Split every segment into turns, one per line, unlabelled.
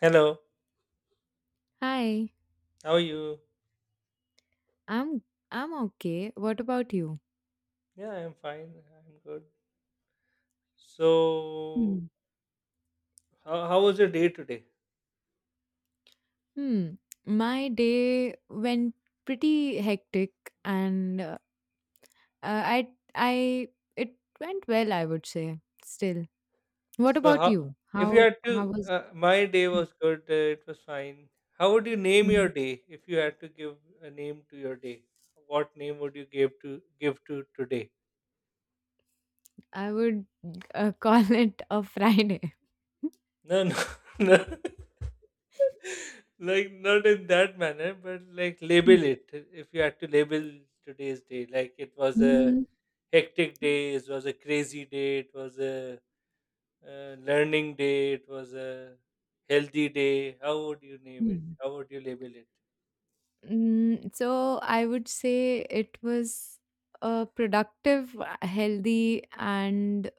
Hello,
Hi,
how are you?
I'm I'm okay. What about you?
Yeah, I'm fine. I'm good. So,
Hmm.
how was your day today?
Hmm, my day went pretty hectic, and I it went well, I would say. Still, what
So,
about
how
you?
if you
How
had
how
to,
was?
My day was good. It was fine. How would you name your
Hmm.
day if you had to give a name to your day? What name would you give to today?
I would call it a Friday.
No, no, no, like not in that manner, but like
Hmm.
label it. If you had to label today's day, like it was a
Hmm.
hectic day, it was a crazy day, it was a learning day, it was a healthy day. How would you name it?
Hmm.
How would you label it?
So I would say it was a productive, healthy, and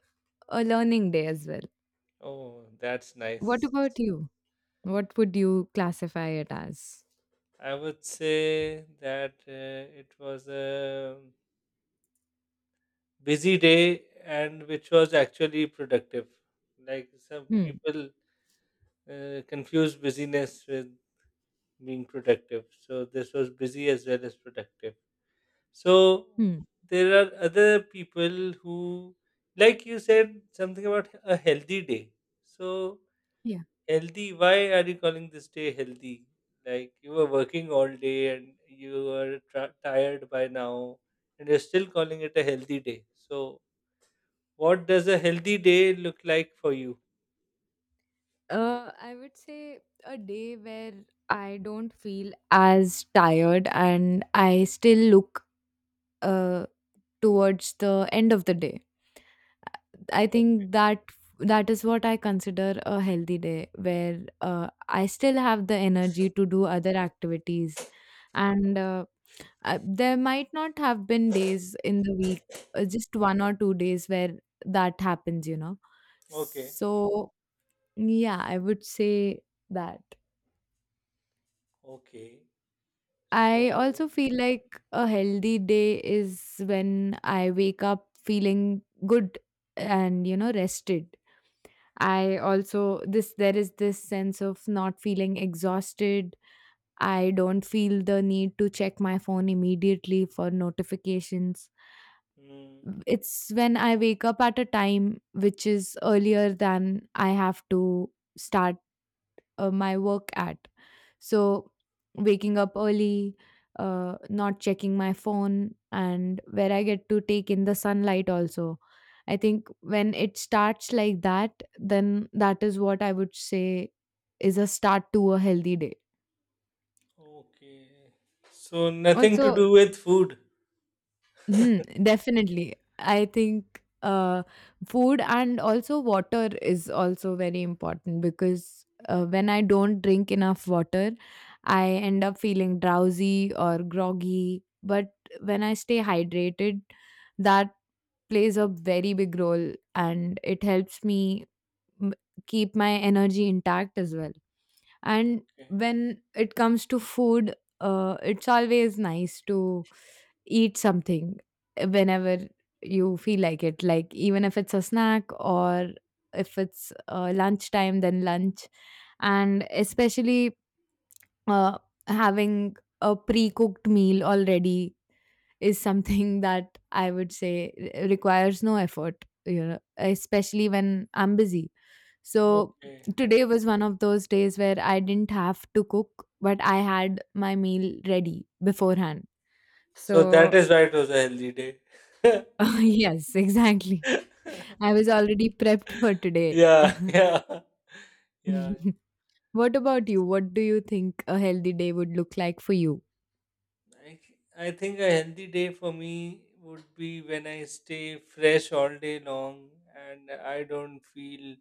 a learning day as well.
Oh, that's
What
nice.
about you? What would you classify it as?
I would say that it was a busy day and which was actually productive. Like some
Hmm.
people confuse busyness with being productive. So this was busy as well as productive. So
Hmm.
there are other people who, like you said, something about a healthy day. So
Yeah.
healthy, why are you calling this day healthy? Like you were working all day and you are tired by now, and you're still calling it a healthy day. So what does a healthy day look like for you?
I would say a day where I don't feel as tired and I still look uh, towards the end of the day. I
Okay.
think that is what I consider a healthy day where I still have the energy to do other activities and there might not have been days in the week, just one or two days where that happens, you know.
Okay.
So, yeah, I would say that.
Okay.
I
So.
also feel like a healthy day is when I wake up feeling good and, you know, rested. I also this there is this sense of not feeling exhausted. I don't feel the need to check my phone immediately for notifications.
Mm,
It's when I wake up at a time which is earlier than I have to start my work at. So, waking up early, not checking my phone, and where I get to take in the sunlight also. I think when it starts like that, then that is what I would say is a start to a healthy day.
okay. So nothing to
Also,
do with food.
mhm, definitely. I think food and also water is also very important because when I don't drink enough water, I end up feeling drowsy or groggy. But when I stay hydrated, that plays a very big role and it helps me m- keep my energy intact as well. And
Okay.
when it comes to food, it's always nice to eat something whenever you feel like it, like even if it's a snack or if it's lunchtime, then lunch, and especially uh, having a pre-cooked meal already is something that I would say requires no effort, you know, especially when I'm busy. So
Okay.
today was one of those days where I didn't have to cook, but I had my meal ready beforehand.
So that
So
is why it was a healthy day.
yes, exactly. I was already prepped for today.
Yeah, yeah, yeah.
What about you? What do you think a healthy day would look like for you?
I, I think a healthy day for me would be when I stay fresh all day long and I don't feel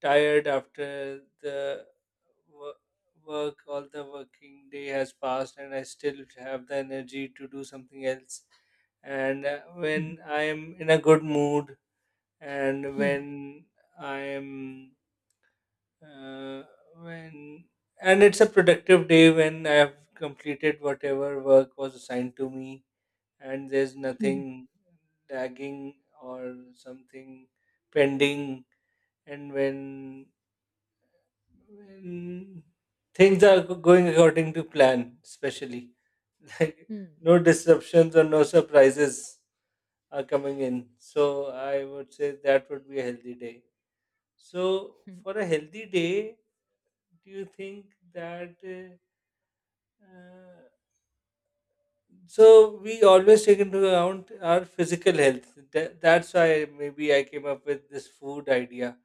tired after the wo- work, all the working day has passed, and I still have the energy to do something else. And
Mm,
when I am in a good mood, and
mm,
when I am Uh, when and it's a productive day when I have completed whatever work was assigned to me, and there's
mm,
nothing lagging or something pending. And when things are going according to plan, especially like
mm,
no disruptions or no surprises are coming in. So I would say that would be a healthy day. So
mm,
for a healthy day, do you think that? Uh, so we always take into account our physical health. That, that's why maybe I came up with this food idea.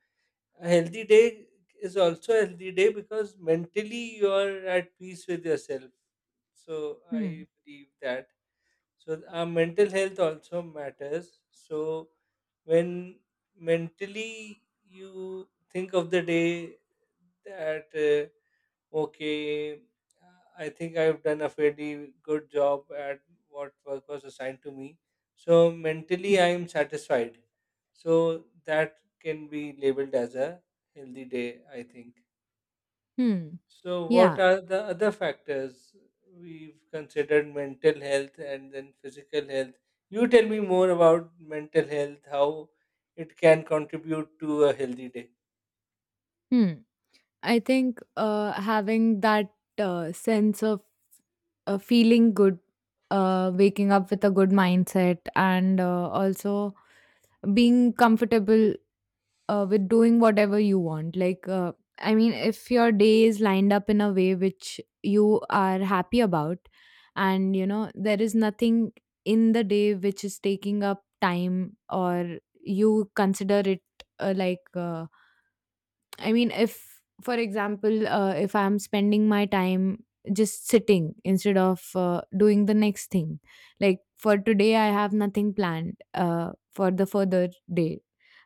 A healthy day is also a healthy day because mentally you are at peace with yourself. So
mm,
I believe that. So our mental health also matters. So when mentally you think of the day that okay, I think I've done a fairly good job at what work was assigned to me. So mentally, I am satisfied. So that can be labeled as a healthy day, I think.
mm.
So, what
Yeah.
are the other factors? We've considered mental health and then physical health. You tell me more about mental health, how it can contribute to a healthy day.
Mm. I think having that sense of feeling good, waking up with a good mindset, and also being comfortable with doing whatever you want. Like, I mean, if your day is lined up in a way which you are happy about, and, you know, there is nothing in the day which is taking up time or you consider it uh, like uh, I mean, if, for example, if I'm spending my time just sitting instead of doing the next thing, like for today, I have nothing planned for the further day.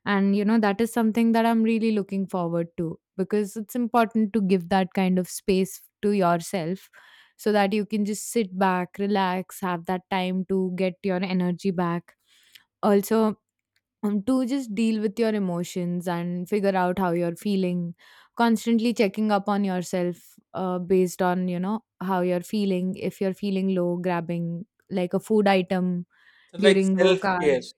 And, you know, that is something that I'm really looking forward to, because it's important to give that kind of space to yourself so that you can just sit back, relax, have that time to get your energy back. Also, to just deal with your emotions and figure out how you're feeling, constantly checking up on yourself based on, you know, how you're feeling, if you're feeling low, grabbing like a food item
So, like
during
self
work
care.
hours.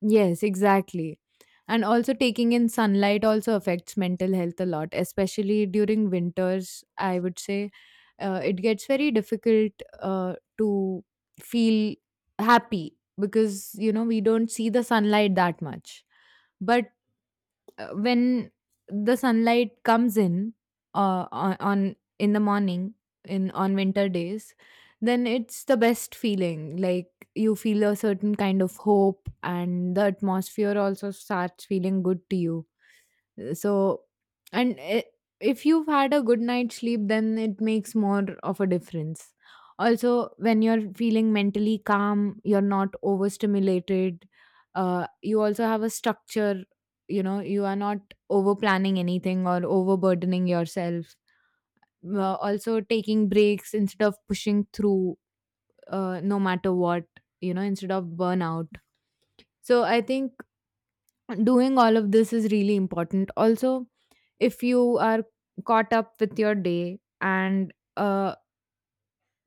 Yes, exactly. And also taking in sunlight also affects mental health a lot, especially during winters. I would say it gets very difficult to feel happy because, you know, we don't see the sunlight that much. But when the sunlight comes in on in the morning, in on winter days, then it's the best feeling. Like, you feel a certain kind of hope and the atmosphere also starts feeling good to you. So, and i- if you've had a good night's sleep, then it makes more of a difference. Also, when you're feeling mentally calm, you're not overstimulated. You also have a structure. You know, you are not over planning anything or overburdening yourself. Also, taking breaks instead of pushing through, no matter what. You know, instead of burnout. So, I think doing all of this is really important. Also, if you are caught up with your day and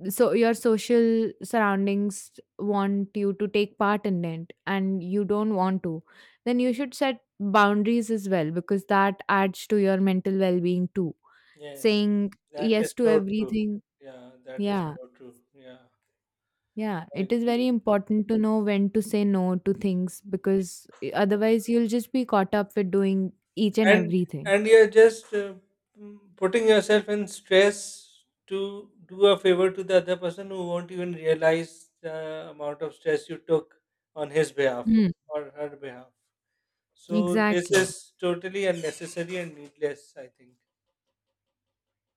so your social surroundings want you to take part in it and you don't want to, then you should set boundaries as well, because that adds to your mental well-being too.
Yes,
Saying
that is
yes to
so true.
everything,
Yeah, that is
yeah,
so true. Yeah,
yeah,
I
it is very
agree.
important to know when to say no to things, because otherwise you'll just be caught up with doing each and
And
everything.
and you're just putting yourself in stress to do a favor to the other person who won't even realize the amount of stress you took on his behalf
Hmm.
or her behalf. So this
Exactly.
is totally unnecessary and needless, I think.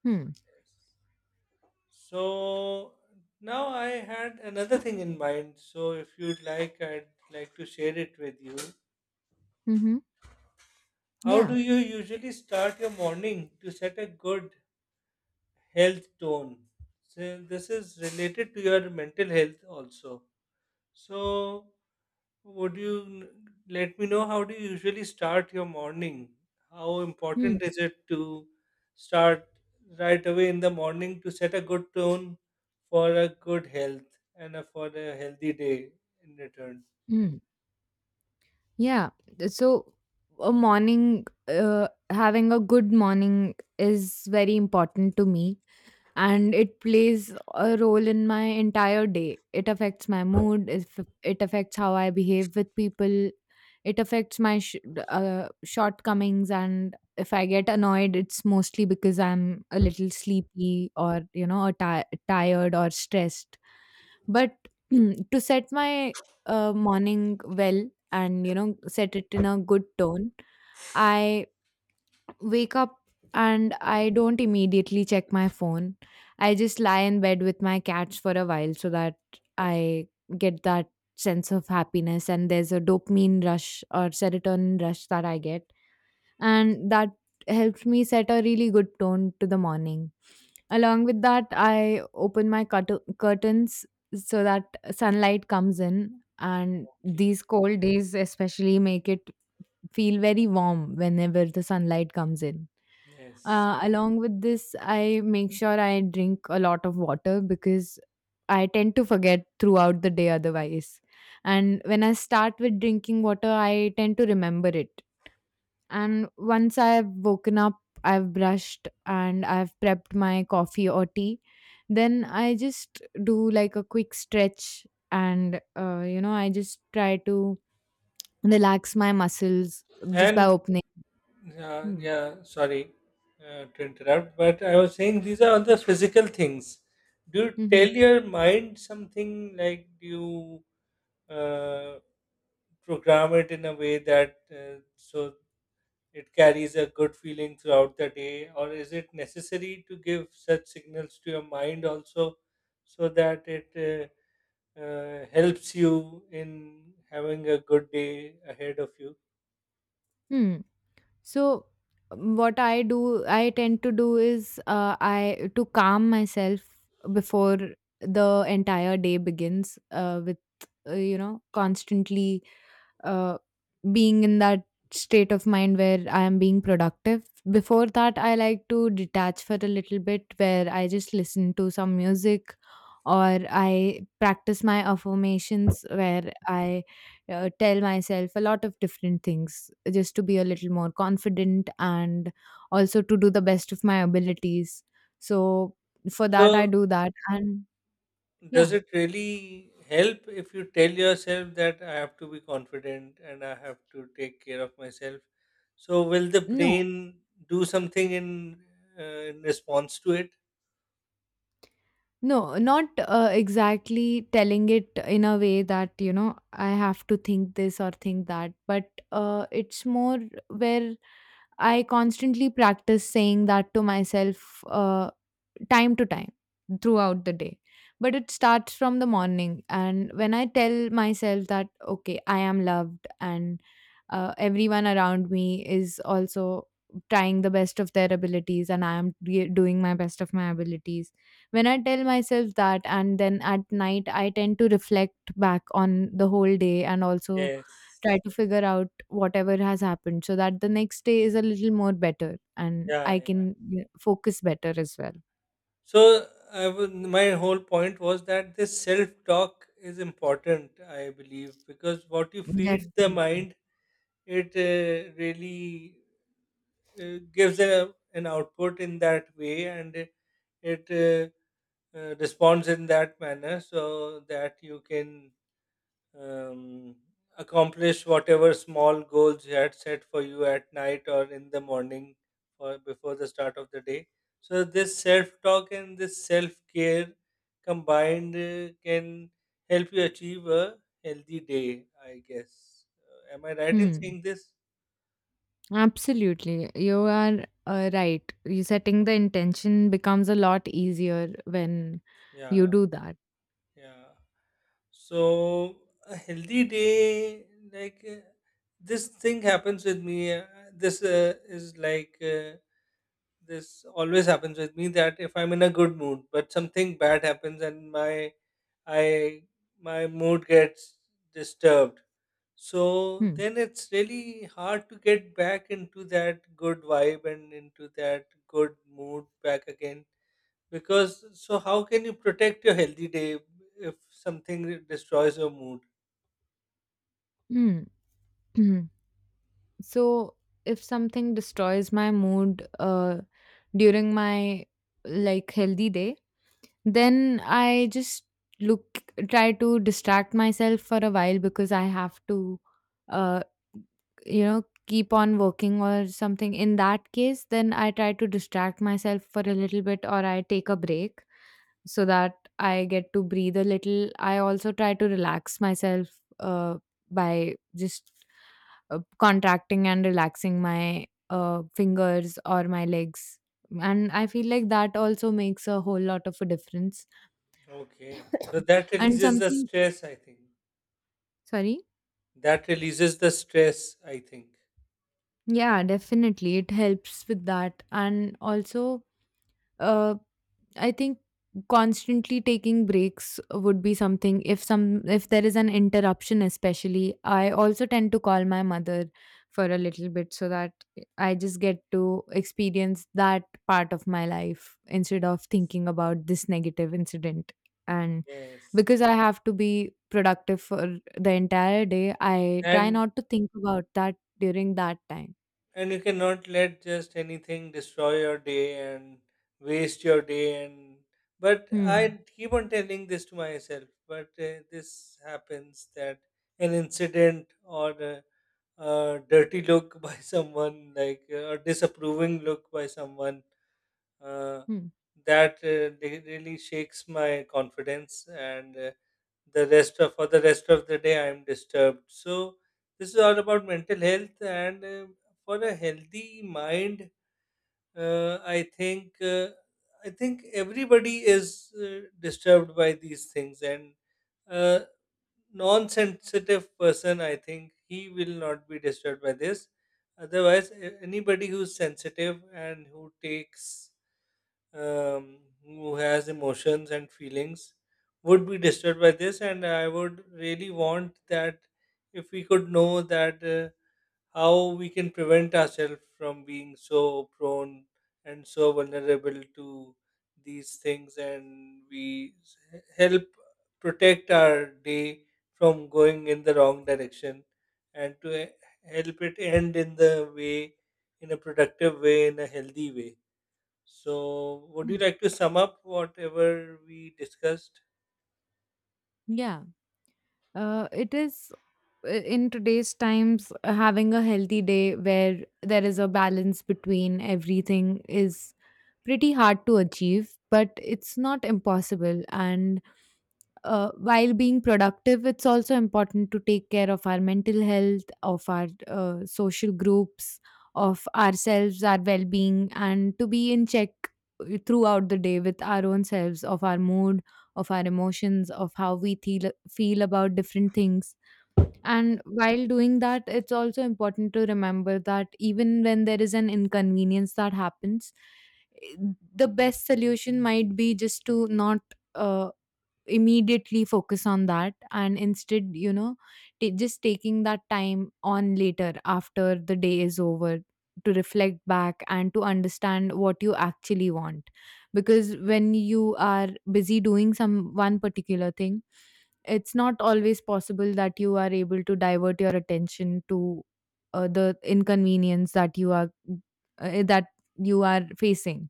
hmm.
Yes. So now I had another thing in mind. So if you'd like, I'd like to share it with you.
mm-hmm.
How
Yeah.
do you usually start your morning to set a good health tone? So this is related to your mental health also. So would you n- let me know, how do you usually start your morning? How
Mm,
important is it to start right away in the morning to set a good tone for a good health and for a healthy day in return?
mm. Yeah. So a morning, having a good morning is very important to me and it plays a role in my entire day. It affects my mood, if it affects how I behave with people, it affects my shortcomings, and if I get annoyed, it's mostly because I'm a little sleepy or, you know, or tired or stressed. But to set my morning well and, you know, set it in a good tone, I wake up and I don't immediately check my phone. I just lie in bed with my cats for a while so that I get that sense of happiness, and there's a dopamine rush or serotonin rush that I get. And that helps me set a really good tone to the morning. Along with that, I open my curtains so that sunlight comes in. And
Okay.
these cold days, especially, make it feel very warm whenever the sunlight comes in.
Yes.
Along with this, I make sure I drink a lot of water, because I tend to forget throughout the day otherwise. And when I start with drinking water, I tend to remember it. And once I've woken up, I've brushed and I've prepped my coffee or tea, then I just do like a quick stretch and, you know, I just try to relax my muscles just
And
by opening.
yeah,
Hmm.
yeah, sorry to interrupt, but I was saying these are all the physical things. Do you
Mm-hmm.
tell your mind something, like do you uh, program it in a way that so it carries a good feeling throughout the day, or is it necessary to give such signals to your mind also so that it helps you in having a good day ahead of you?
Hmm. So what I do, I tend to do is I to calm myself before the entire day begins with you know, constantly uh, being in that state of mind where I am being productive. Before that, I like to detach for a little bit where I just listen to some music or I practice my affirmations where I tell myself a lot of different things just to be a little more confident and also to do the best of my abilities. So for that, I
So
do that. And
does
yeah,
it really help if you tell yourself that I have to be confident and I have to take care of myself? So will the
no,
brain do something uh, in response to it?
no, not exactly telling it in a way that, you know, I have to think this or think that, but it's more where I constantly practice saying that to myself time to time throughout the day. But it starts from the morning, and when I tell myself that, okay, I am loved and everyone around me is also trying the best of their abilities and I am doing my best of my abilities. When I tell myself that, and then at night I tend to reflect back on the whole day and also try
Yes.
to figure out whatever has happened so that the next day is a little more better and
Yeah,
I
yeah.
can you focus better as well.
So I would, my whole point was that this self talk is important, I believe, because what you feed the
Definitely.
mind, it really gives an output in that way, and it responds in that manner so that you can um, accomplish whatever small goals you had set for you at night or in the morning or before the start of the day. So, this self talk and this self care combined can help you achieve a healthy day, I guess. Am I right in
Hmm.
saying this?
Absolutely. You are right. You setting the intention becomes a lot easier when you
Yeah,
do that.
yeah. So a healthy day, like uh, this thing happens with me. This is this always happens with me that if I'm in a good mood, but something bad happens and I my mood gets disturbed. So
Hmm.
then it's really hard to get back into that good vibe and into that good mood back again. Because so how can you protect your healthy day if something destroys your mood?
Hmm. So if something destroys my mood during my like healthy day, then I just look try to distract myself for a while, because I have to, uh you know, keep on working or something. In that case, then I try to distract myself for a little bit or I take a break so that I get to breathe a little. I also try to relax myself uh by just contracting and relaxing my fingers or my legs, and I feel like that also makes a whole lot of a difference.
Okay. So that
And
releases the
something,
stress, I think.
sorry?
That releases the stress, I think.
Yeah, definitely. It helps with that. And also, uh I think constantly taking breaks would be something. If some if there is an interruption, especially, I also tend to call my mother for a little bit so that I just get to experience that part of my life instead of thinking about this negative incident. And
Yes.
because I have to be productive for the entire day, I try
And
not to think about that during that time.
and you cannot let just anything destroy your day and waste your day and but
hmm,
I keep on telling this to myself, but this happens that an incident or a dirty look by someone, like a disapproving look by someone, uh,
hmm.
really shakes my confidence and the rest of for the rest of the day I am disturbed. So this is all about mental health, and for a healthy mind, uh, i think uh, I think everybody is disturbed by these things, and uh, non-sensitive person, I think, he will not be disturbed by this. Otherwise, anybody who's sensitive and who takes um, who has emotions and feelings would be disturbed by this, and I would really want that if we could know that how we can prevent ourselves from being so prone and so vulnerable to these things, and help protect our day from going in the wrong direction and to help it end in the way, in a productive way, in a healthy way. So, would you
Hmm.
like to sum up whatever we discussed?
Yeah, it is, in today's times, having a healthy day where there is a balance between everything is pretty hard to achieve, but it's not impossible. And while being productive, it's also important to take care of our mental health, of our social groups, of ourselves, our well-being, and to be in check throughout the day with our own selves, of our mood, of our emotions, of how we feel about different things. And while doing that, it's also important to remember that even when there is an inconvenience that happens, eh, the best solution might be just to not. Uh, Immediately focus on that, and instead, you know, ta just taking that time on later, after the day is over, to reflect back and to understand what you actually want. Because when you are busy doing some one particular thing, it's not always possible that you are able to divert your attention to the inconvenience that you are, that you are facing.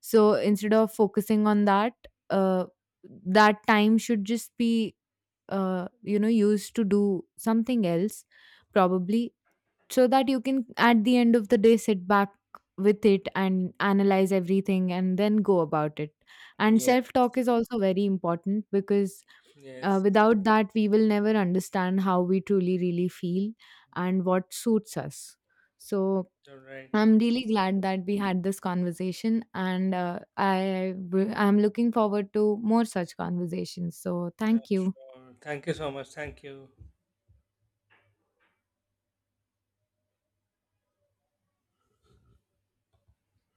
So instead of focusing on that, uh, that time should just be, you know, used to do something else, probably, so that you can at the end of the day sit back with it and analyze everything and then go about it. And self
Yes.
talk is also very important, because
Yes.
without that, we will never understand how we truly, really feel and what suits us. So,
All right.
I'm really glad that we had this conversation, and I'm looking forward to more such conversations. So thank you.
Sure. Thank you so much. Thank you.